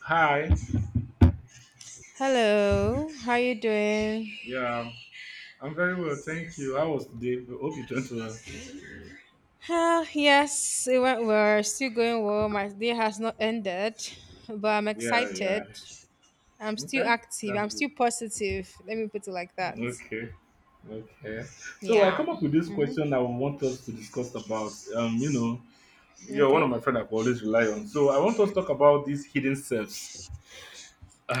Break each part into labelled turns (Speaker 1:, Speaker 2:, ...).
Speaker 1: Hi.
Speaker 2: Hello, how you doing?
Speaker 1: Yeah, I'm very well, thank you. How was today? Hope it went well.
Speaker 2: Ah, yes, it went well. Still going well. My day has not ended, but I'm
Speaker 1: Yeah, yeah.
Speaker 2: excited. I'm still
Speaker 1: Okay,
Speaker 2: active.
Speaker 1: that's
Speaker 2: I'm
Speaker 1: good.
Speaker 2: still positive. Let me put it like that.
Speaker 1: Okay, okay. So I come
Speaker 2: Yeah.
Speaker 1: up with this
Speaker 2: Mm-hmm.
Speaker 1: question I want us to discuss about. You're one of
Speaker 2: Okay.
Speaker 1: my friends I could always rely on, so I want us to talk about these hidden selves.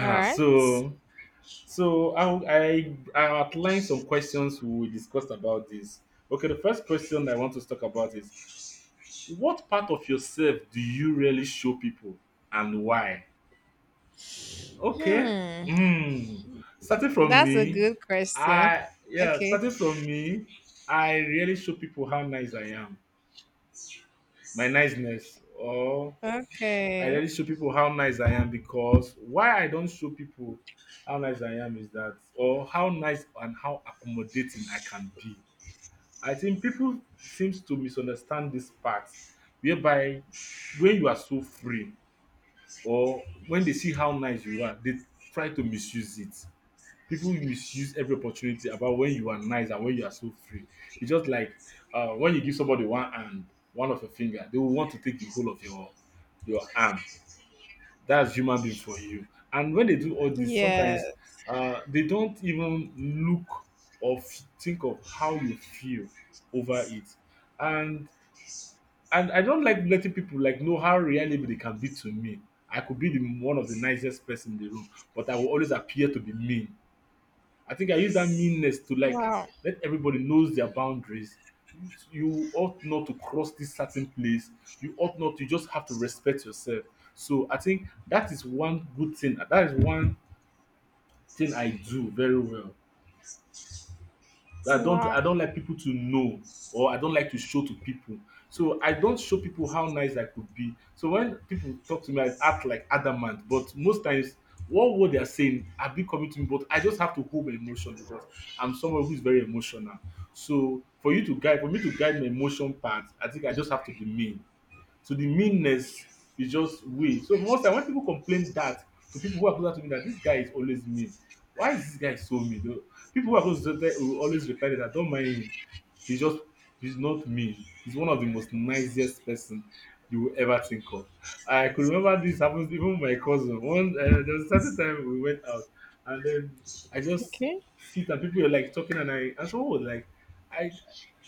Speaker 2: All right.
Speaker 1: so so I outline some questions we discussed about this. Okay, the first question I want us to talk about is what part of yourself do you really show people, and why? Okay.
Speaker 2: Hmm.
Speaker 1: Mm. Starting from
Speaker 2: That's a
Speaker 1: me,
Speaker 2: good question. Okay.
Speaker 1: starting from me, I really show people how nice I am. My niceness. Or I
Speaker 2: Okay.
Speaker 1: really show people how nice I am, because why I don't show people how nice I am is that, or how nice and how accommodating I can be. I think people seems to misunderstand this part, whereby when you are so free, or when they see how nice you are, they try to misuse it. People will misuse every opportunity about when you are nice and when you are so free. It's just like when you give somebody one hand, one of your finger, they will want to take the whole of your arm. That's human being for you. And when they do all this, sometimes
Speaker 2: Yes.
Speaker 1: they don't even look or think of how you feel over it. And and I don't like letting people like know how reliable they can be to me. I could be the one of the nicest person in the room, but I will always appear to be mean. I think I use that meanness to like
Speaker 2: Wow.
Speaker 1: let everybody knows their boundaries. You ought not to cross this certain place. You ought not. You just have to respect yourself. So I think that is one good thing. That is one thing I do very well. I don't
Speaker 2: Wow.
Speaker 1: I don't like people to know, or I don't like to show to people. So I don't show people how nice I could be. So when people talk to me, I act like adamant. But most times, what word they are saying are be coming to me, but I just have to hold my emotion, because I'm someone who's very emotional. So for you to guide, for me to guide my emotion part, I think I just have to be me. So the meanness is just way. So most time when people complain that, to people who are closer to me, that this guy is always mean, why is this guy so mean? Though people who are close to me will always reply that don't mind him. He's just he's not mean. He's one of the most nicest person you will ever think of. I could remember this happens even with my cousin. One there was a certain time we went out, and then I just
Speaker 2: Okay.
Speaker 1: sit and people were like talking, and I and someone was like, I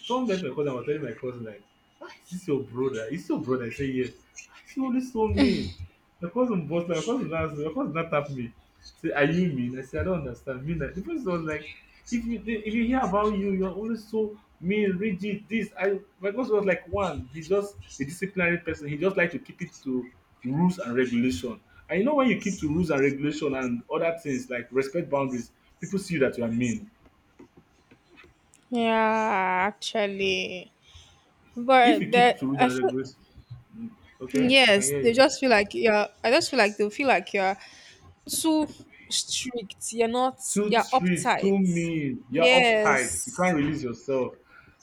Speaker 1: someone met my cousin. I was telling my cousin, like, why is this your brother? Is this your brother? I say yes. Why is he always so mean? My cousin boss my cousin asked my cousin now tap me. Say, are you mean? I say I don't understand. Mean that the person was like, if you hear about you, you're always so me rigid this. I my boss was like, one, he's just a disciplinary person. He just like to keep it to rules and regulation. And you know, when you keep to rules and regulation and other things like respect boundaries, people see that you are mean.
Speaker 2: Yeah, actually.
Speaker 1: If you
Speaker 2: But
Speaker 1: keep to
Speaker 2: that
Speaker 1: rules
Speaker 2: I
Speaker 1: and
Speaker 2: feel.
Speaker 1: regulations, okay, I can
Speaker 2: Yes,
Speaker 1: hear
Speaker 2: they
Speaker 1: you.
Speaker 2: just feel like you're. I just feel like they feel like you're too strict. You're not.
Speaker 1: Too
Speaker 2: You're
Speaker 1: strict,
Speaker 2: uptight.
Speaker 1: too mean, you're uptight, you
Speaker 2: Yes.
Speaker 1: can't release yourself.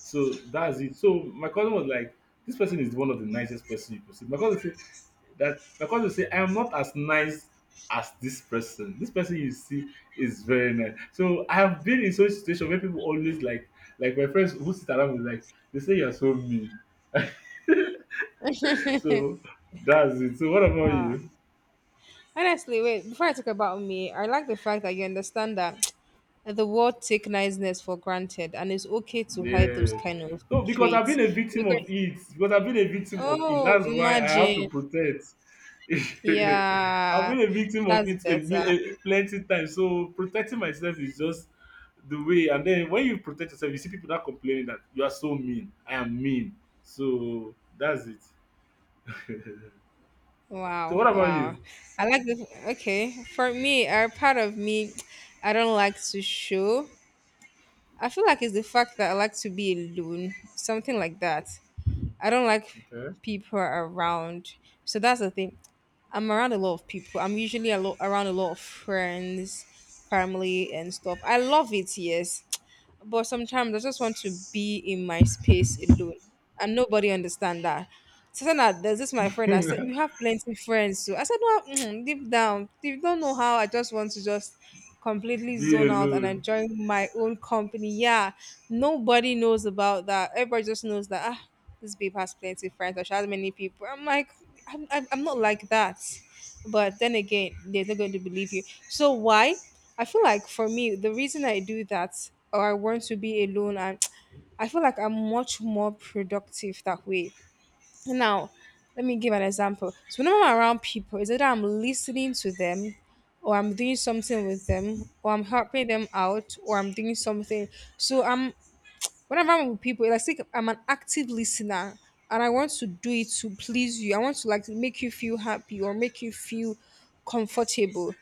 Speaker 1: So that's it. So my cousin was like, this person is one of the nicest person you could see. My cousin, that my cousin will say, I'm not as nice as this person. This person you see is very nice. So I have been in such situation where people always like my friends who sit around me like, they say you're so mean. So that's it. So what about
Speaker 2: Wow.
Speaker 1: you?
Speaker 2: Honestly, wait. Before I talk about me, I like the fact that you understand that the world take niceness for granted, and it's okay to hide those
Speaker 1: Yes.
Speaker 2: kind of
Speaker 1: No, because I've been
Speaker 2: traits
Speaker 1: a victim of
Speaker 2: because.
Speaker 1: it. Because I've been a victim of it,
Speaker 2: Oh,
Speaker 1: that's why I have to
Speaker 2: imagine.
Speaker 1: protect. I've
Speaker 2: Yeah,
Speaker 1: been a victim of
Speaker 2: that's
Speaker 1: it
Speaker 2: better.
Speaker 1: plenty times. So protecting myself is just the way. And then when you protect yourself, you see people that complaining that you are so mean. I am mean. So that's it. So
Speaker 2: Wow,
Speaker 1: what about
Speaker 2: wow.
Speaker 1: you?
Speaker 2: I like the Okay, for me, a part of me, I don't like to show. I feel like it's the fact that I like to be alone, something like that. I don't like
Speaker 1: Okay.
Speaker 2: people around. So that's the thing. I'm around a lot of people. I'm usually a lot around a lot of friends, family, and stuff. I love it, yes. But sometimes I just want to be in my space alone, and nobody understand that. So then that there's this my friend. I said you have plenty friends, so I said no, deep down, you don't know how I just want to just completely
Speaker 1: Be
Speaker 2: zone out and
Speaker 1: alone.
Speaker 2: enjoy my own company. Yeah, nobody knows about that. Everybody just knows that this babe has plenty friends. Or she has many people. I'm like, I'm not like that. But then again, they're not going to believe you. So why? I feel like for me, the reason I do that or I want to be alone, and I feel like I'm much more productive that way. Now, let me give an example. So, when I'm around people, it's either I'm listening to them, or I'm doing something with them, or I'm helping them out, or I'm doing something. So, I'm whenever I'm with people, it's like I'm an active listener, and I want to do it to please you. I want to like make you feel happy or make you feel comfortable.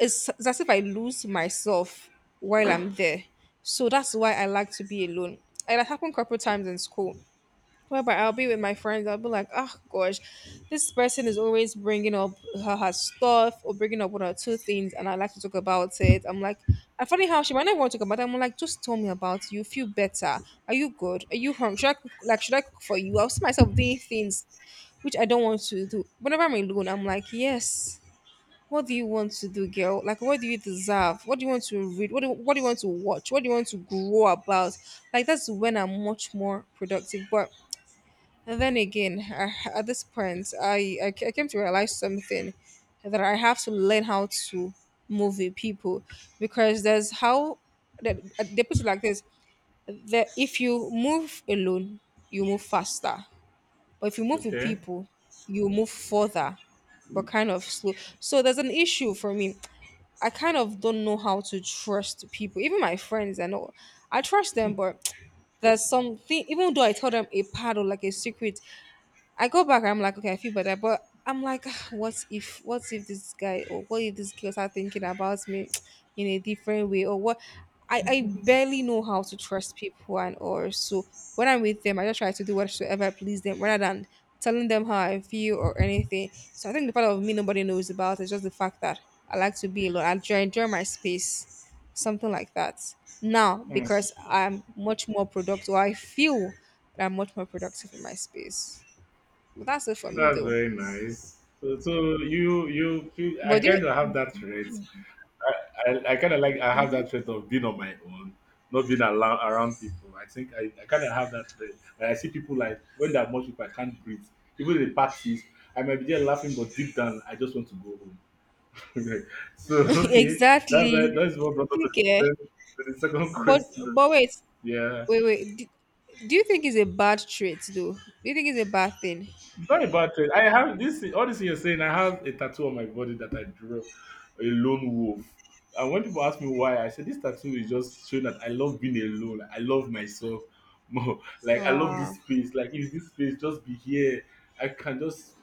Speaker 2: It's as if I lose myself while I'm there. So that's why I like to be alone. And it happened a couple times in school. Whereby I'll be with my friends, I'll be like, oh gosh, this person is always bringing up her stuff or bringing up one or two things, and I like to talk about it. I'm like, I funny how she might not want to talk about it. I'm like, just tell me about you. Feel better. Are you good? Are you hungry? Should I cook for you? I'll see myself doing things which I don't want to do. Whenever I'm alone, I'm like, yes, what do you want to do, girl? Like, what do you deserve? What do you want to read? What do you want to watch? What do you want to grow about? Like, that's when I'm much more productive. But then again, at this point, I came to realize something that I have to learn how to move with people because there's how that they put it like this that if you move alone, you move faster, but if you move with
Speaker 1: Okay.
Speaker 2: people, you move further but kind of slow. So there's an issue for me. I kind of don't know how to trust people. Even my friends, I know I trust them, but there's something. Even though I tell them a part or like a secret, I go back, I'm like, okay, I feel better. But I'm like, "Ah, what if this guy or what if this girl start thinking about me in a different way or what?" I barely know how to trust people and or so when I'm with them, I just try to do whatsoever please them rather than telling them how I feel or anything. So I think the part of me nobody knows about is just the fact that I like to be alone. I enjoy my space, something like that. Now
Speaker 1: Hmm.
Speaker 2: because I'm much more productive, or I feel that I'm much more productive in my space. But that's it for me
Speaker 1: That's
Speaker 2: though.
Speaker 1: very nice. So, so you feel I
Speaker 2: But do you,
Speaker 1: kind of have that trait. I, I kind of like I have that trait of being on my own, not being around people. I think I kind of have that trait. Like I see people like when there are much people, I can't breathe. Even in parties, I might be there laughing, but deep down, I just want to go home. So okay, that's why
Speaker 2: exactly.
Speaker 1: that's what brought us to
Speaker 2: Okay.
Speaker 1: to the second
Speaker 2: But
Speaker 1: question.
Speaker 2: but wait,
Speaker 1: Yeah.
Speaker 2: wait, wait. Do you think it's a bad trait though? Do you think it's a bad thing?
Speaker 1: It's not a bad trade. I have this all this thing you're saying. I have a tattoo on my body that I drew, a lone wolf. And when people ask me why, I say this tattoo is just showing that I love being alone. I love myself more. Like I love
Speaker 2: Wow.
Speaker 1: this space. Like if this space just be here, I can just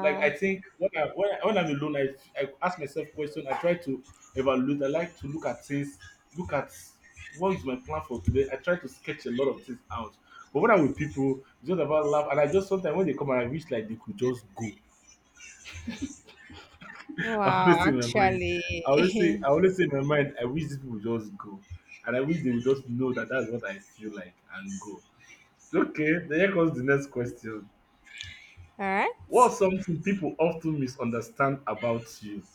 Speaker 1: like. I think when when I'm alone, I ask myself questions. I try to evaluate. I like to look at things. Look at what is my plan for today. I try to sketch a lot of things out. But when I'm with people, it's just about laugh. And I just, sometimes when they come and I wish like they could just go. I always
Speaker 2: Wow,
Speaker 1: say in my mind,
Speaker 2: actually.
Speaker 1: I always say in my mind, I wish these people would just go. And I wish they would just know that that's what I feel like and go. Okay, then here comes the next question.
Speaker 2: All right.
Speaker 1: What's something people often misunderstand about you?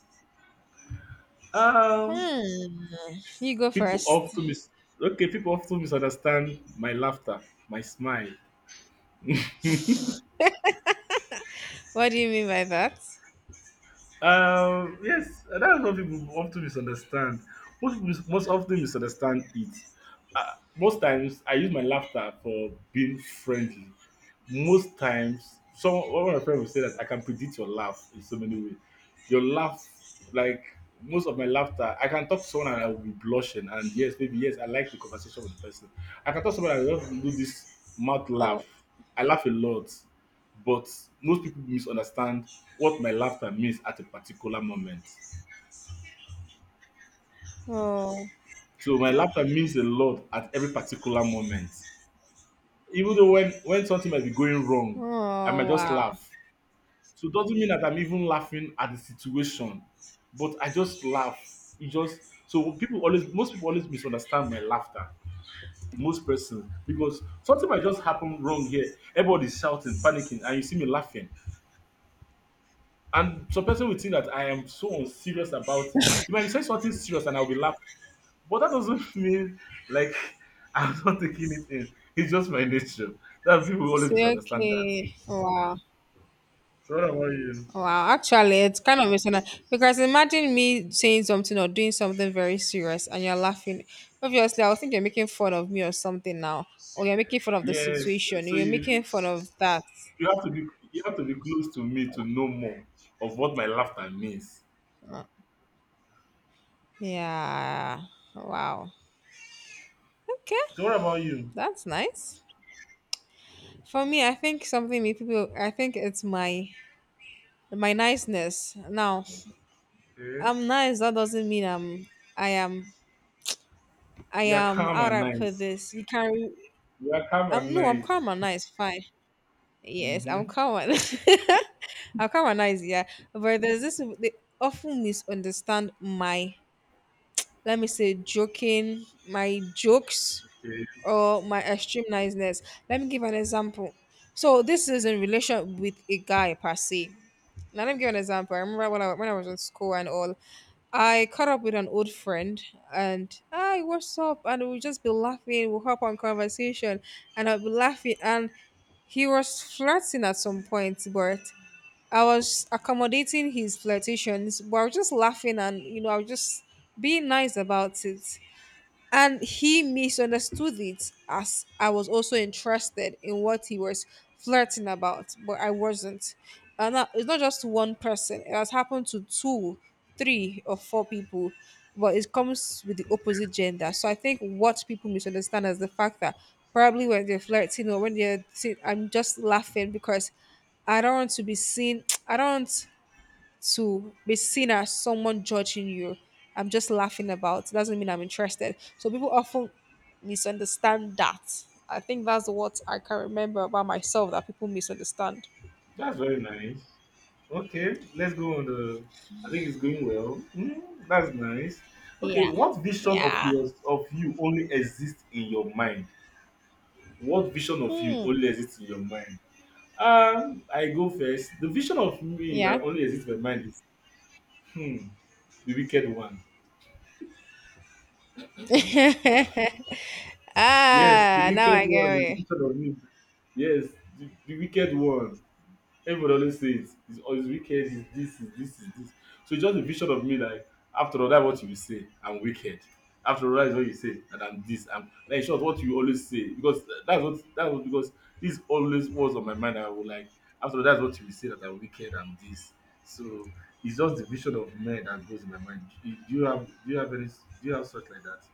Speaker 1: Um,
Speaker 2: Hmm. You go
Speaker 1: people
Speaker 2: first.
Speaker 1: often mis Okay, people often misunderstand my laughter, my smile.
Speaker 2: What do you mean by that?
Speaker 1: Yes, that's what people often misunderstand. What people most often misunderstand it. Most times, I use my laughter for being friendly. Most times, some one of my friends will say that I can predict your laugh in so many ways. Your laugh, like most of my laughter, I can talk to someone and I will be blushing. And yes, maybe yes, I like the conversation with the person. I can talk to someone and I just do this mouth
Speaker 2: Oh,
Speaker 1: laugh. I laugh a lot, but most people misunderstand what my laughter means at a particular moment.
Speaker 2: oh,
Speaker 1: So my laughter means a lot at every particular moment. Even though when something might be going wrong, I might
Speaker 2: oh,
Speaker 1: just
Speaker 2: wow.
Speaker 1: laugh. So it doesn't mean that I'm even laughing at the situation, but I just laugh. It just so, people always, most people always misunderstand my laughter. Most persons, because something might just happen wrong here. Everybody's shouting, panicking, and you see me laughing. And some person will think that I am so unserious about it. You might be saying something serious and I'll be laughing. But that doesn't mean like I'm not taking it in. It's just my nature. That people will
Speaker 2: It's
Speaker 1: always misunderstand that.
Speaker 2: okay. Wow.
Speaker 1: So what about you?
Speaker 2: Wow, actually, it's kind of misleading because imagine me saying something or doing something very serious and you're laughing. Obviously, I would think you're making fun of me or something now, or you're making fun of the
Speaker 1: Yes.
Speaker 2: situation,
Speaker 1: So
Speaker 2: you're
Speaker 1: you
Speaker 2: making fun of that.
Speaker 1: you have to be, you have to be close to me to know more of what my laughter means.
Speaker 2: Uh, Yeah, wow. Okay,
Speaker 1: So what about you?
Speaker 2: that's nice. For me, I think something me people, I think it's my niceness. Now,
Speaker 1: Okay.
Speaker 2: I'm nice. That doesn't mean I'm. I am. I
Speaker 1: You are
Speaker 2: am.
Speaker 1: calm
Speaker 2: How do
Speaker 1: and
Speaker 2: I put
Speaker 1: nice.
Speaker 2: this? You can't.
Speaker 1: You are calm and
Speaker 2: I'm no. I'm
Speaker 1: nice.
Speaker 2: calm and nice. Fine. Yes, I'm
Speaker 1: Mm-hmm.
Speaker 2: common. I'm commonized, yeah. But there's this they often misunderstand my let me say joking, my jokes
Speaker 1: Okay.
Speaker 2: or my extreme niceness. Let me give an example. So this is in relation with a guy per se. Now let me give an example. I remember when I was in school and all, I caught up with an old friend and hi, what's up? And we'll just be laughing, we'll hop on conversation and I'll be laughing and he was flirting at some point, but I was accommodating his flirtations, but I was just laughing and, I was just being nice about it and he misunderstood it as I was also interested in what he was flirting about, but I wasn't. And that, it's not just one person; it has happened to two, three, or four people. But it comes with the opposite gender. So I think what people misunderstand is the fact that probably when they're flirting or when they're, I'm just laughing because I don't want to be seen. I don't to be seen as someone judging you. I'm just laughing about. It doesn't mean I'm interested. So people often misunderstand that. I think that's what I can remember about myself that people misunderstand.
Speaker 1: That's very nice. Okay, let's go on the. I think it's going well. Mm, that's nice. Okay,
Speaker 2: Yeah.
Speaker 1: what vision of
Speaker 2: Yeah.
Speaker 1: yours of you only exists in your mind? What vision of you
Speaker 2: Hmm.
Speaker 1: only exists in your mind? I go first. The vision of me
Speaker 2: Yeah.
Speaker 1: that only exists in my mind is, hmm, the wicked one. Yes, the
Speaker 2: Ah, now
Speaker 1: wicked
Speaker 2: I get
Speaker 1: one is the
Speaker 2: it.
Speaker 1: vision of me. Yes, the wicked one. Everybody always say it. It's always wicked. It's this. It's this. It's this. So it's just a vision of me like, after all, that's what you will say. I'm wicked. After all, that's what you say. And I'm this. I'm like, in short, what you always say, because that's what, that was because this always was on my mind. I would like, after all, that's what you will say that I'm wicked. I'm this. So it's just the vision of men that goes in my mind. Do you have any do you have such like that?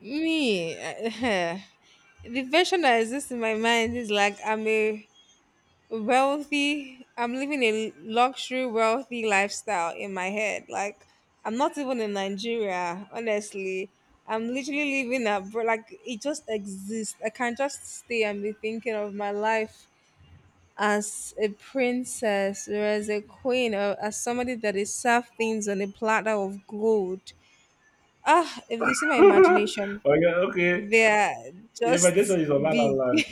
Speaker 2: Me, the version that exists in my mind is like I'm living a luxury wealthy lifestyle in my head. Like, I'm not even in Nigeria, honestly. I'm literally living abroad. Like, it just exists. I can just stay and be thinking of my life as a princess or as a queen or as somebody that is served things on a platter of gold. Ah, if this is my imagination,
Speaker 1: Okay, okay.
Speaker 2: they're
Speaker 1: Your
Speaker 2: just
Speaker 1: imagination is on La La
Speaker 2: big.
Speaker 1: Land.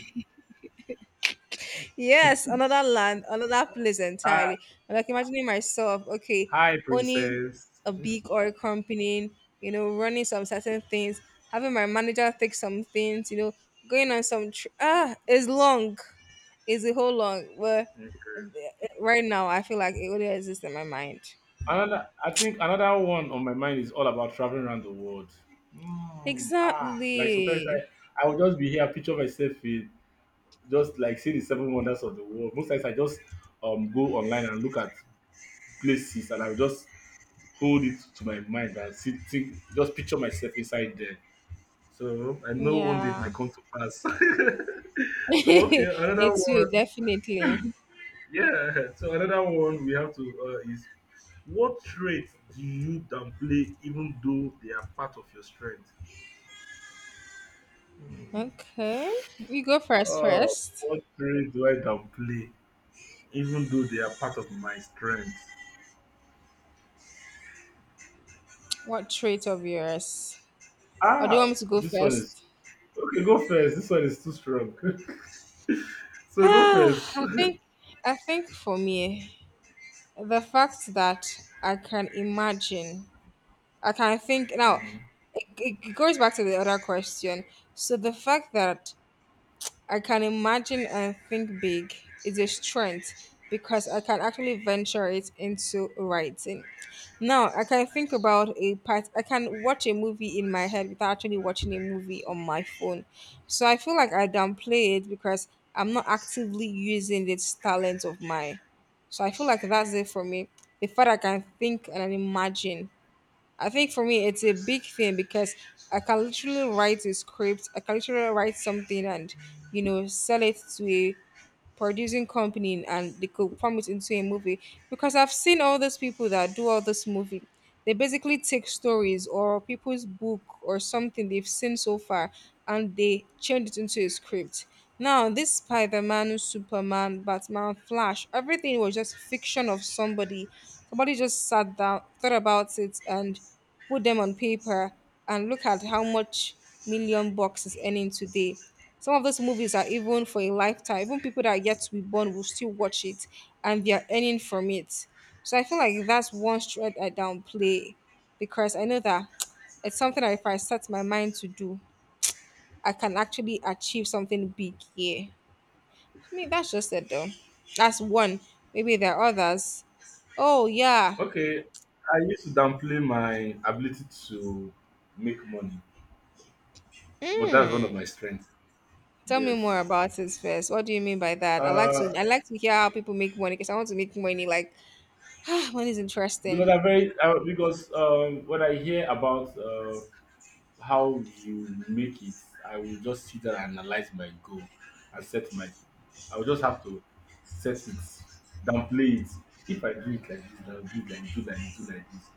Speaker 2: Yes, another land, another place
Speaker 1: Hi,
Speaker 2: entirely. I'm like imagining myself, okay,
Speaker 1: hi,
Speaker 2: owning
Speaker 1: princess.
Speaker 2: a big oil company, running some certain things, having my manager take some things, going on some tr- it's long, it's a whole long. But right now, I feel like it only exists in my mind.
Speaker 1: Another, I think another one on my mind is all about traveling around the world. Like sometimes
Speaker 2: Exactly.
Speaker 1: I will just be here, picture myself in, just like see the seven wonders of the world. Most times I just go online and look at places, and I will just hold it to my mind and see, think, just picture myself inside there. So I know one day it
Speaker 2: Yeah.
Speaker 1: might come to pass. Okay, another
Speaker 2: It's
Speaker 1: one,
Speaker 2: you definitely.
Speaker 1: yeah. So another one we have to is, what traits do you downplay even though they are part of your strength? Hmm.
Speaker 2: Okay, you go first.
Speaker 1: Oh,
Speaker 2: First,
Speaker 1: what traits do I downplay even though they are part of my strength?
Speaker 2: what trait of yours? Or do you
Speaker 1: Ah,
Speaker 2: want me to go
Speaker 1: this one
Speaker 2: first?
Speaker 1: is okay. Go first. This one is too strong. So go first.
Speaker 2: I think I think for me, the fact that I can imagine, I can think now,
Speaker 1: Mhm.
Speaker 2: it, it goes back to the other question. So the fact that I can imagine and think big is a strength because I can actually venture it into writing. Now I can think about a part I can watch a movie in my head without actually watching a movie on my phone. So I feel like I downplay it because I'm not actively using this talent of mine. So I feel like that's it for me. The fact I can think and imagine I think for me, it's a big thing because I can literally write a script, I can literally write something and, sell it to a producing company and they could form it into a movie because I've seen all those people that do all this movie. They basically take stories or people's book or something they've seen so far and they change it into a script. Now this Spider-Man, Superman, Batman, Flash, everything was just fiction of somebody. Somebody just sat down, thought about it and put them on paper and look at how much million bucks is earning today. Some of those movies are even for a lifetime. Even people that are yet to be born will still watch it and they are earning from it. So I feel like that's one thread I downplay because I know that it's something that if I set my mind to do, I can actually achieve something big here. I mean, that's just it though. That's one. Maybe there are others. Oh yeah.
Speaker 1: Okay, I used to downplay my ability to make money, but that's one of my strengths.
Speaker 2: Tell me more
Speaker 1: Yes.
Speaker 2: about it first. What do you mean by that? I like to
Speaker 1: Uh,
Speaker 2: I like to hear how people make money because I want to make money like Ah, one is
Speaker 1: because
Speaker 2: interesting.
Speaker 1: I very because when I hear about how you make it, I will just sit down and analyze my goal and set my. I will just have to set it, downplay it. If I do it like this, then I'll do it like do like do like this.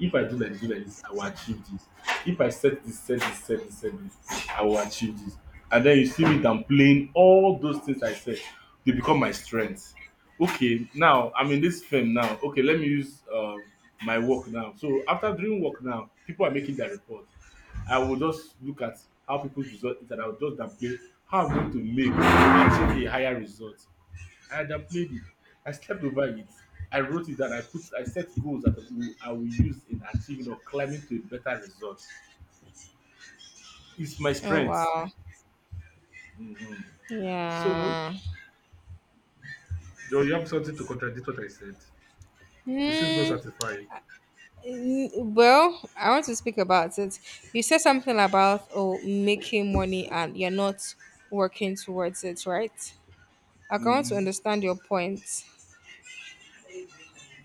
Speaker 1: If I do like this, I will achieve this. If I set this, set this, set this, set this, I will achieve this. And then you see me downplaying all those things I said. They become my strength. Okay, now I'm in this film now. Okay, let me use my work now. So after doing work now, people are making their report. I will just look at how people's result is and I will just downplay how I'm going to make, achieve a higher result. I downplayed it. I slept over it. I wrote it down. I set goals that will, I will use in achieving or climbing to a better result. It's my
Speaker 2: Oh
Speaker 1: strength.
Speaker 2: wow.
Speaker 1: Mhm. So
Speaker 2: Yeah.
Speaker 1: Joe, you have something to contradict what I said. You seems not
Speaker 2: Hmm.
Speaker 1: satisfied.
Speaker 2: Mm, well, I want to speak about it. You said something about oh making money and you're not working towards it, right? Like, I can want to
Speaker 1: Mm.
Speaker 2: understand your point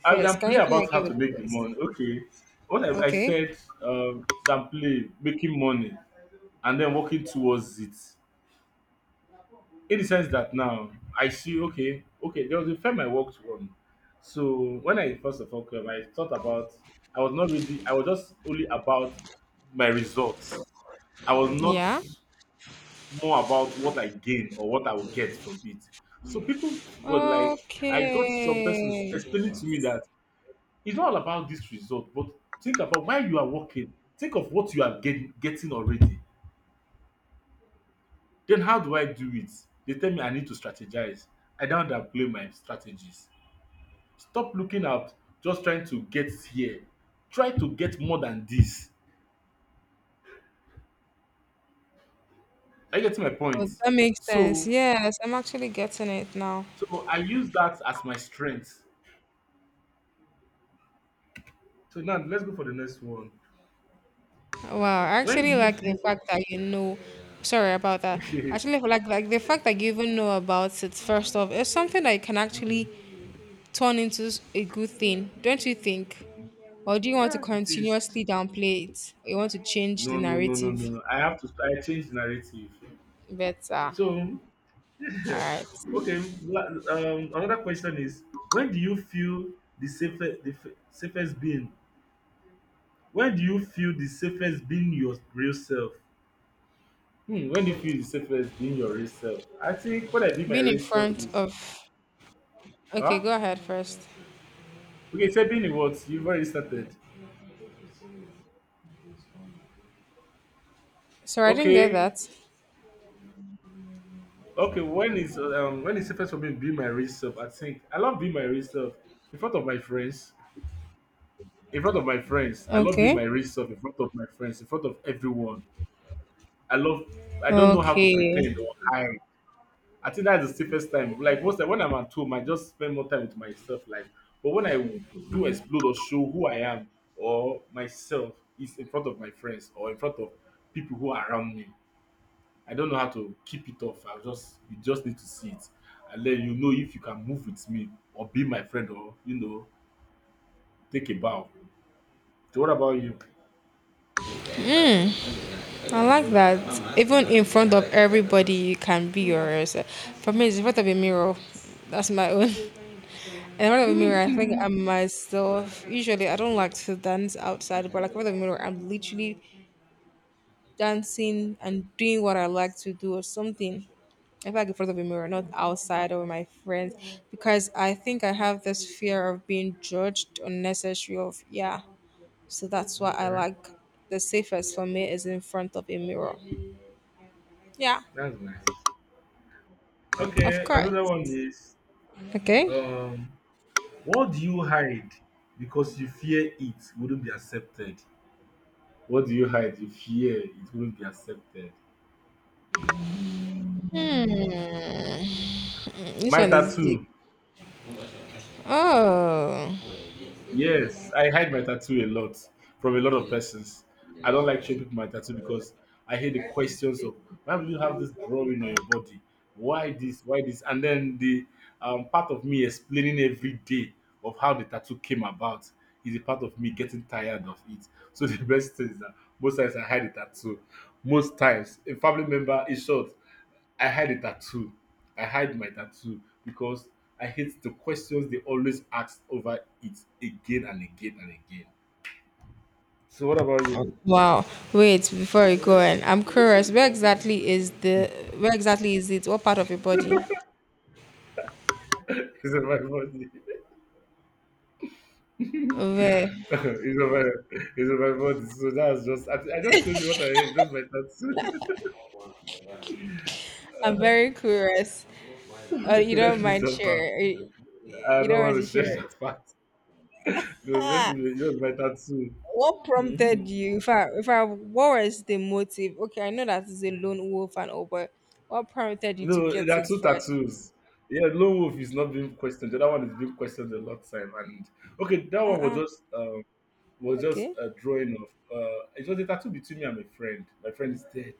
Speaker 1: I will
Speaker 2: first. Can
Speaker 1: play
Speaker 2: you come
Speaker 1: about how
Speaker 2: again
Speaker 1: to
Speaker 2: with the
Speaker 1: make the
Speaker 2: point?
Speaker 1: money. Okay. What I
Speaker 2: Okay.
Speaker 1: said, that play making money and then working towards it, in the sense that now I see, okay, there was a firm I worked on. So when I first of all came, I thought about, I was not really, I was just only about my results. I was not
Speaker 2: Yeah.
Speaker 1: more about what I gain or what I will get from it. So people were like, I got some persons
Speaker 2: Okay.
Speaker 1: explaining to me that it's not all about this result, but think about why you are working. Think of what you are getting, getting already. Then how do I do it? They tell me I need to strategize. I don't downplay my strategies. Stop looking out, just trying to get here. Try to get more than this. Are you getting my
Speaker 2: Oh,
Speaker 1: point?
Speaker 2: that makes sense.
Speaker 1: So,
Speaker 2: Yes, I'm actually getting it now.
Speaker 1: so I use that as my strength. So now let's go for the next one.
Speaker 2: Wow, I
Speaker 1: When do
Speaker 2: actually
Speaker 1: you
Speaker 2: like the
Speaker 1: feel?
Speaker 2: fact that you know. Sorry about that. Actually, like the fact that you even know about it. First off, it's something that you can actually
Speaker 1: Mhm,
Speaker 2: turn into a good thing, don't you think?
Speaker 1: mhm.
Speaker 2: Or do you want to
Speaker 1: Yeah, it is.
Speaker 2: continuously downplay it? Or you want to change the
Speaker 1: No, no, no, no,
Speaker 2: narrative
Speaker 1: no. I have to. I change narrative.
Speaker 2: better?
Speaker 1: So
Speaker 2: All right.
Speaker 1: okay. Another question is, when do you feel the safest, the safest being? When do you feel the safest being your real self? Hmm, when do you feel the safest being your real self? I think what I did my
Speaker 2: Being in
Speaker 1: real self
Speaker 2: front
Speaker 1: is,
Speaker 2: of.
Speaker 1: huh?
Speaker 2: Okay, go ahead first.
Speaker 1: Okay, so being what you've already started.
Speaker 2: Sorry, I didn't get
Speaker 1: Okay,
Speaker 2: that.
Speaker 1: okay. When is safest for me being my real self? I think I love being my real self in front of my friends. In front of my friends, I love being
Speaker 2: Okay.
Speaker 1: my real self in front of my friends, in front of everyone. I love, I don't know how to pretend
Speaker 2: Okay.
Speaker 1: or hide. I think that's the safest time. Like most time when I'm at home, I just spend more time with myself. Like, but when I do explode or show who I am or myself is in front of my friends or in front of people who are around me, I don't know how to keep it off. I just, you just need to see it and then you know if you can move with me or be my friend or you know take a bow. So what about you?
Speaker 2: I like that. Even in front of everybody, you can be yourself. For me, it's in front of a mirror. That's my own. In front of a mirror, I think I'm myself. Usually, I don't like to dance outside, but like in front of a mirror, I'm literally dancing and doing what I like to do or something. I feel like in front of a mirror, not outside or with my friends, because I think I have this fear of being judged unnecessary. Of yeah, so that's why I
Speaker 1: Okay,
Speaker 2: like the safest for me is in front of a mirror. Yeah.
Speaker 1: that's nice.
Speaker 2: Of
Speaker 1: Okay,
Speaker 2: course.
Speaker 1: another one is
Speaker 2: Okay.
Speaker 1: um what do you hide because you fear it wouldn't be accepted? What do you hide you fear it wouldn't be accepted?
Speaker 2: Hmm. This
Speaker 1: My
Speaker 2: one is deep.
Speaker 1: tattoo.
Speaker 2: Oh.
Speaker 1: Yes, I hide my tattoo a lot from a lot of persons. I don't like showing people my tattoo because I hate the questions of, why do you have this drawing on your body? Why this? Why this? And then the part of me explaining every day of how the tattoo came about is a part of me getting tired of it. So the best thing is that most times I hide the tattoo. Most times a family member is short. I had a tattoo. I hide my tattoo because I hate the questions they always ask over it again and again and again. So what about you?
Speaker 2: Wow. Wait, before you go in, I'm curious. Where exactly is it? What part of your body?
Speaker 1: It's on my body.
Speaker 2: Where?
Speaker 1: it's on my it's on my body. So that's just I just told you what I hate, just my tattoo.
Speaker 2: I'm very curious. You
Speaker 1: So
Speaker 2: don't
Speaker 1: let's leave
Speaker 2: mind
Speaker 1: that part.
Speaker 2: share.
Speaker 1: I
Speaker 2: You
Speaker 1: don't
Speaker 2: don't want
Speaker 1: want
Speaker 2: to
Speaker 1: to
Speaker 2: share
Speaker 1: share
Speaker 2: it.
Speaker 1: that part. No, let's
Speaker 2: Ha!
Speaker 1: leave it. Just my tattoo.
Speaker 2: What prompted
Speaker 1: Mhm.
Speaker 2: you? If I, What was the motive? Okay, I know that is a lone wolf and all, but what prompted you to
Speaker 1: No,
Speaker 2: get
Speaker 1: there are
Speaker 2: it
Speaker 1: two
Speaker 2: first?
Speaker 1: tattoos. Yeah, Lone Wolf is not being questioned. The other one is being questioned a lot time. And okay, that
Speaker 2: Uh
Speaker 1: one
Speaker 2: uh
Speaker 1: was just
Speaker 2: Okay.
Speaker 1: a drawing of it was a tattoo between me and my friend. My friend is dead.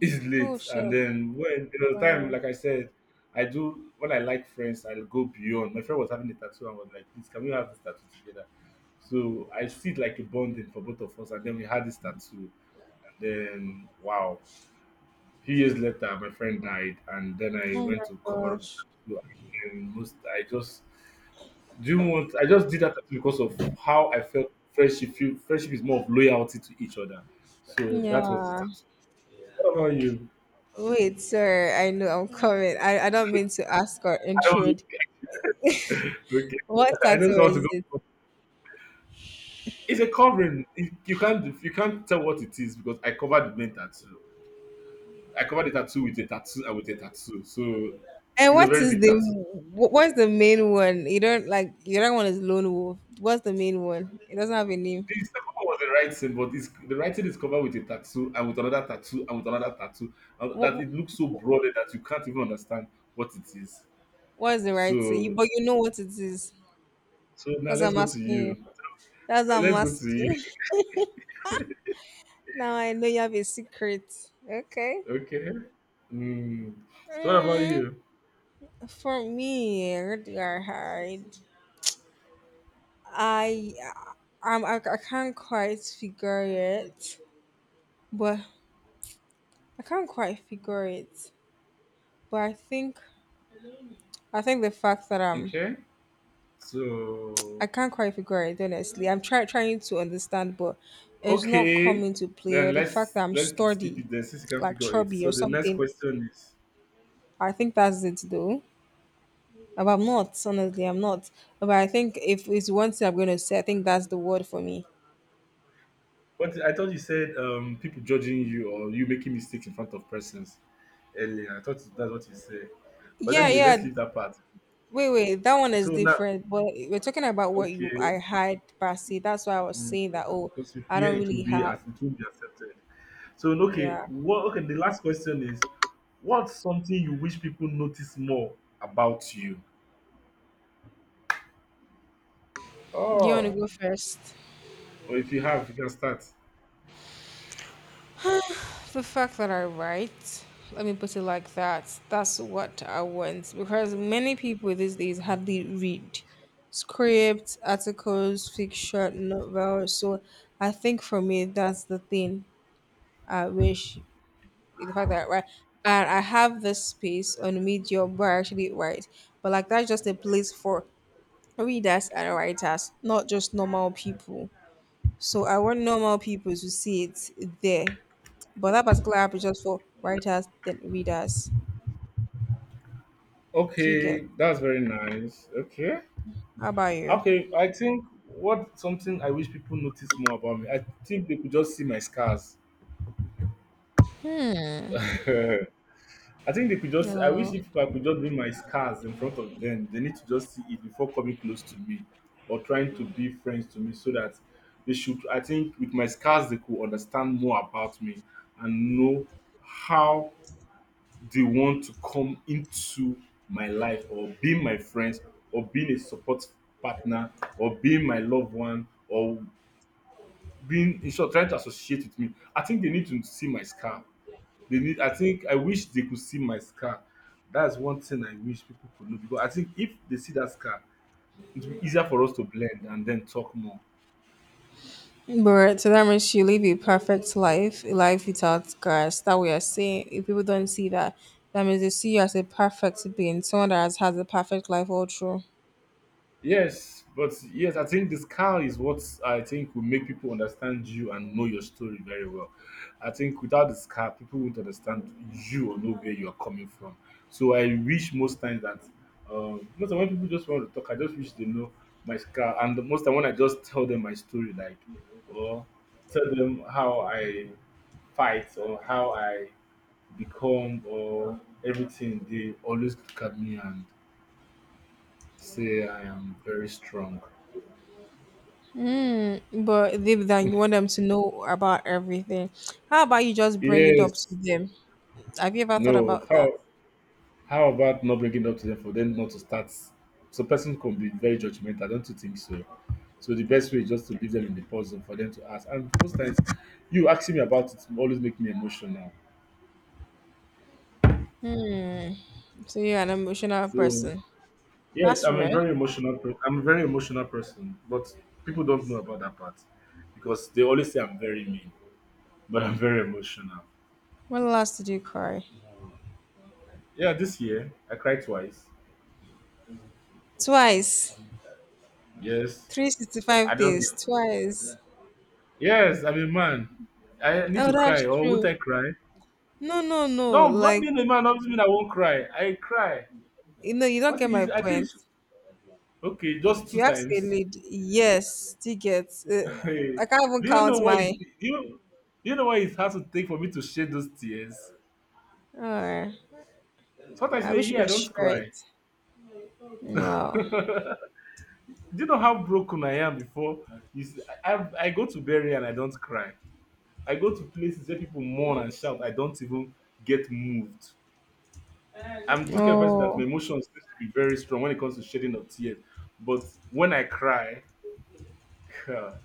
Speaker 1: It's
Speaker 2: Oh,
Speaker 1: late. And
Speaker 2: sure.
Speaker 1: then when there was time, like I said, I do when I like friends, I'll go beyond. My friend was having a tattoo and was like, please can we have this tattoo together? So I see it like a bonding for both of us and then we had this tattoo and then wow. A few years later, my friend died, and then I
Speaker 2: Oh
Speaker 1: went
Speaker 2: my
Speaker 1: to cover up
Speaker 2: gosh.
Speaker 1: the tattoo. And most, I just do you want? I just did that tattoo because of how I felt friendship. Friendship is more of loyalty to each other. So that was the
Speaker 2: Yeah.
Speaker 1: tattoo. What about you?
Speaker 2: Wait, sorry, I know I'm coming. I don't mean to ask or
Speaker 1: I don't,
Speaker 2: intrude.
Speaker 1: okay.
Speaker 2: What
Speaker 1: I just
Speaker 2: tattoo
Speaker 1: want to go.
Speaker 2: is it?
Speaker 1: It's a covering. You can't, you can't tell what it is because I covered the main tattoo. I covered the tattoo with a tattoo and with a tattoo. So
Speaker 2: And
Speaker 1: it's a
Speaker 2: what
Speaker 1: very
Speaker 2: is
Speaker 1: big
Speaker 2: the
Speaker 1: tattoo.
Speaker 2: what's the main one? You don't like the other one is Lone Wolf. What's the main one? It doesn't have a name.
Speaker 1: The second one was the writing, but this the writing is covered with a tattoo and with another tattoo and with another tattoo that
Speaker 2: What
Speaker 1: it looks so broad that you can't even understand what it is.
Speaker 2: what is the right thing?
Speaker 1: So,
Speaker 2: But you know what it is.
Speaker 1: so now
Speaker 2: That's what
Speaker 1: let's
Speaker 2: I'm
Speaker 1: go to
Speaker 2: asking you.
Speaker 1: you.
Speaker 2: That's what
Speaker 1: So
Speaker 2: I'm
Speaker 1: let's go to you.
Speaker 2: asking. Now I know you have a secret. Okay.
Speaker 1: Okay. Mm. So what about
Speaker 2: Mm,
Speaker 1: you?
Speaker 2: for me, where do I hide? I I'm, I can't quite figure it, but I can't quite figure it. But I think the fact that I'm
Speaker 1: Okay.
Speaker 2: I
Speaker 1: So
Speaker 2: can't quite figure it honestly. Trying to understand, but it's not
Speaker 1: okay.
Speaker 2: coming to play.
Speaker 1: Then
Speaker 2: Or the fact
Speaker 1: let's
Speaker 2: that I'm
Speaker 1: let's skip
Speaker 2: sturdy,
Speaker 1: it then since you can
Speaker 2: like
Speaker 1: figure it.
Speaker 2: chubby
Speaker 1: So
Speaker 2: or
Speaker 1: the next
Speaker 2: something.
Speaker 1: question is,
Speaker 2: I think that's it though. But I'm not honestly. I'm not. But I think if it's one thing I'm gonna say, I think that's the word for me.
Speaker 1: but I thought you said people judging you or you making mistakes in front of persons earlier. I thought that's what you said. But
Speaker 2: Yeah,
Speaker 1: anyway,
Speaker 2: yeah.
Speaker 1: let's leave that part.
Speaker 2: Wait, wait, that one is
Speaker 1: So now,
Speaker 2: different. But we're talking about what you
Speaker 1: okay,
Speaker 2: I had, Basi. That's why I was
Speaker 1: mm,
Speaker 2: saying that. Oh,
Speaker 1: because you
Speaker 2: I
Speaker 1: fear
Speaker 2: don't
Speaker 1: it will
Speaker 2: really
Speaker 1: be
Speaker 2: have.
Speaker 1: as it will be accepted. So okay,
Speaker 2: Yeah,
Speaker 1: what? Okay, the last question is, what's something you wish people notice more about you?
Speaker 2: do you want to
Speaker 1: Oh,
Speaker 2: go first?
Speaker 1: or if you have, you can start.
Speaker 2: The fact that I write, let me put it like that. That's what I want because many people these days hardly read scripts, articles, fiction, novels. So I think for me, that's the thing I wish the fact that right and I have this space on Medium where I actually write. But like that's just a place for readers and writers, not just normal people. So I want normal people to see it there. But that particular app is just for writers then readers. Do you get?
Speaker 1: Okay, that's very nice. Okay.
Speaker 2: How about you?
Speaker 1: Okay, I think what something I wish people notice more about me. I think they could just see my scars.
Speaker 2: Hmm.
Speaker 1: I think they could just. I wish
Speaker 2: No.
Speaker 1: if I could just bring my scars in front of them, they need to just see it before coming close to me or trying to be friends to me, so that they should. I think with my scars, they could understand more about me and know how they want to come into my life or being my friends or being a support partner or being my loved one or being in short trying to associate with me. I think they need to see my scar. They need. I think I wish they could see my scar. That's one thing I wish people could know because I think if they see that scar, it will be easier for us to blend and then talk more.
Speaker 2: But so that means you live a perfect life, a life without scars. That we are saying if people don't see that, that means they see you as a perfect being, someone that has had the perfect life all through.
Speaker 1: Yes, but yes, I think the scar is what I think will make people understand you and know your story very well. I think without the scar, people won't understand you or know where you are coming from. So I wish most times that most of when people just want to talk, I just wish they know my scar. And the most time when I just tell them my story, like or tell them how I fight or how I become or everything, they always look at me and say I am very strong.
Speaker 2: Hmm, but deep down, you want them to know about everything. How about you just bring it up to
Speaker 1: Yes.
Speaker 2: them? Have you ever thought
Speaker 1: No.
Speaker 2: about that?
Speaker 1: How about not bringing up to them for them not to start? So person can be very judgmental. Don't you think so? So the best way is just to leave them in the pause and for them to ask. And most times, you asking me about it always make me emotional.
Speaker 2: Hmm. So you're an emotional
Speaker 1: So
Speaker 2: person.
Speaker 1: yes,
Speaker 2: That's
Speaker 1: I'm a
Speaker 2: rare.
Speaker 1: very emotional. I'm a very emotional person, but people don't know about that part because they always say I'm very mean, but I'm very emotional.
Speaker 2: When last did you cry?
Speaker 1: Yeah, this year I cried twice.
Speaker 2: Twice.
Speaker 1: Yes, I
Speaker 2: 365
Speaker 1: don't.
Speaker 2: days. Twice.
Speaker 1: Yes, I'm a man. I need
Speaker 2: Oh,
Speaker 1: to cry,
Speaker 2: that's
Speaker 1: or would
Speaker 2: true.
Speaker 1: I cry?
Speaker 2: No, no,
Speaker 1: No,
Speaker 2: no.
Speaker 1: not
Speaker 2: Like,
Speaker 1: being a man doesn't mean I won't cry. I cry.
Speaker 2: you know, you don't
Speaker 1: What
Speaker 2: get my
Speaker 1: is? I think.
Speaker 2: point.
Speaker 1: Okay, just
Speaker 2: If
Speaker 1: two
Speaker 2: you ask a
Speaker 1: times.
Speaker 2: lady, yes, she gets.
Speaker 1: Hey,
Speaker 2: I can't even
Speaker 1: do you know
Speaker 2: count
Speaker 1: what?
Speaker 2: my.
Speaker 1: It, do you know what it has to take for me to shed those tears?
Speaker 2: Uh,
Speaker 1: Sometimes
Speaker 2: I
Speaker 1: in a
Speaker 2: wish you
Speaker 1: year I
Speaker 2: could
Speaker 1: don't
Speaker 2: share it.
Speaker 1: cry. Do
Speaker 2: Wow.
Speaker 1: you know how broken I am before? Is I go to bury and I don't cry. I go to places where people mourn and shout. I don't even get moved. I'm this kind of person that my
Speaker 2: Oh.
Speaker 1: emotions seems to be very strong when it comes to shedding of tears. But when I cry, God,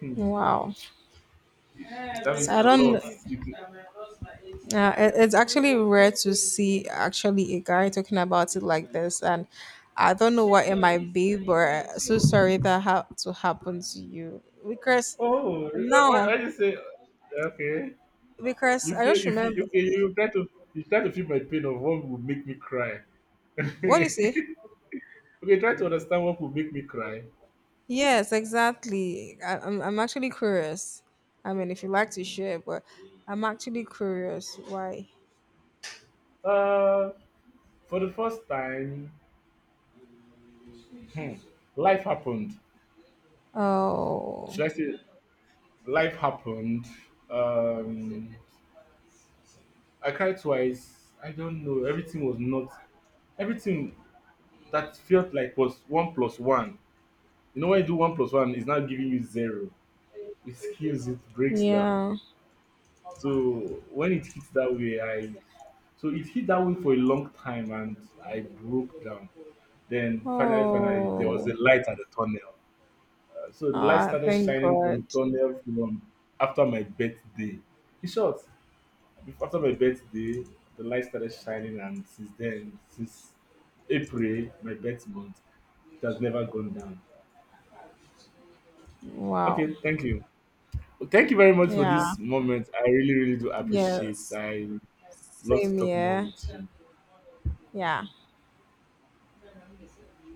Speaker 1: hmm,
Speaker 2: Wow.
Speaker 1: that means
Speaker 2: So I
Speaker 1: a lot.
Speaker 2: don't.
Speaker 1: It-
Speaker 2: It- it's actually rare to see actually a guy talking about it like this, and I don't know what it might be, but so sorry that had to happen to you because
Speaker 1: oh,
Speaker 2: now
Speaker 1: why you say okay?
Speaker 2: because
Speaker 1: You
Speaker 2: I
Speaker 1: feel
Speaker 2: just
Speaker 1: if you
Speaker 2: remember
Speaker 1: okay, you try to, you try to feel my pain of what would make me cry.
Speaker 2: what do you
Speaker 1: Okay,
Speaker 2: say?
Speaker 1: try to understand what would make me cry.
Speaker 2: Yes, exactly. I'm actually curious. I mean, if you like to share, but I'm actually curious why.
Speaker 1: Uh, for the first time, hmm, life happened.
Speaker 2: Oh,
Speaker 1: Should I say life happened? Um, I cried twice. I don't know. Everything was not everything that felt like was one plus one. You know, when you do one plus one, it's not giving you zero. It kills, it breaks down.
Speaker 2: yeah.
Speaker 1: So when it hits that way, I so it hit that way for a long time, and I broke down. Then finally, finally, there was
Speaker 2: Oh.
Speaker 1: a light at the tunnel. So the light
Speaker 2: Ah,
Speaker 1: started
Speaker 2: thank
Speaker 1: shining from
Speaker 2: God.
Speaker 1: the tunnel from after my birthday. In short, after my birthday, the light started shining, and since then, since April, my birth month, it has never gone down.
Speaker 2: Wow.
Speaker 1: Okay, thank you. Well, thank you very much for
Speaker 2: Yeah.
Speaker 1: this moment. I really, really do appreciate.
Speaker 2: Yes.
Speaker 1: I love to
Speaker 2: Same
Speaker 1: talk more
Speaker 2: here.
Speaker 1: with you.
Speaker 2: Yeah.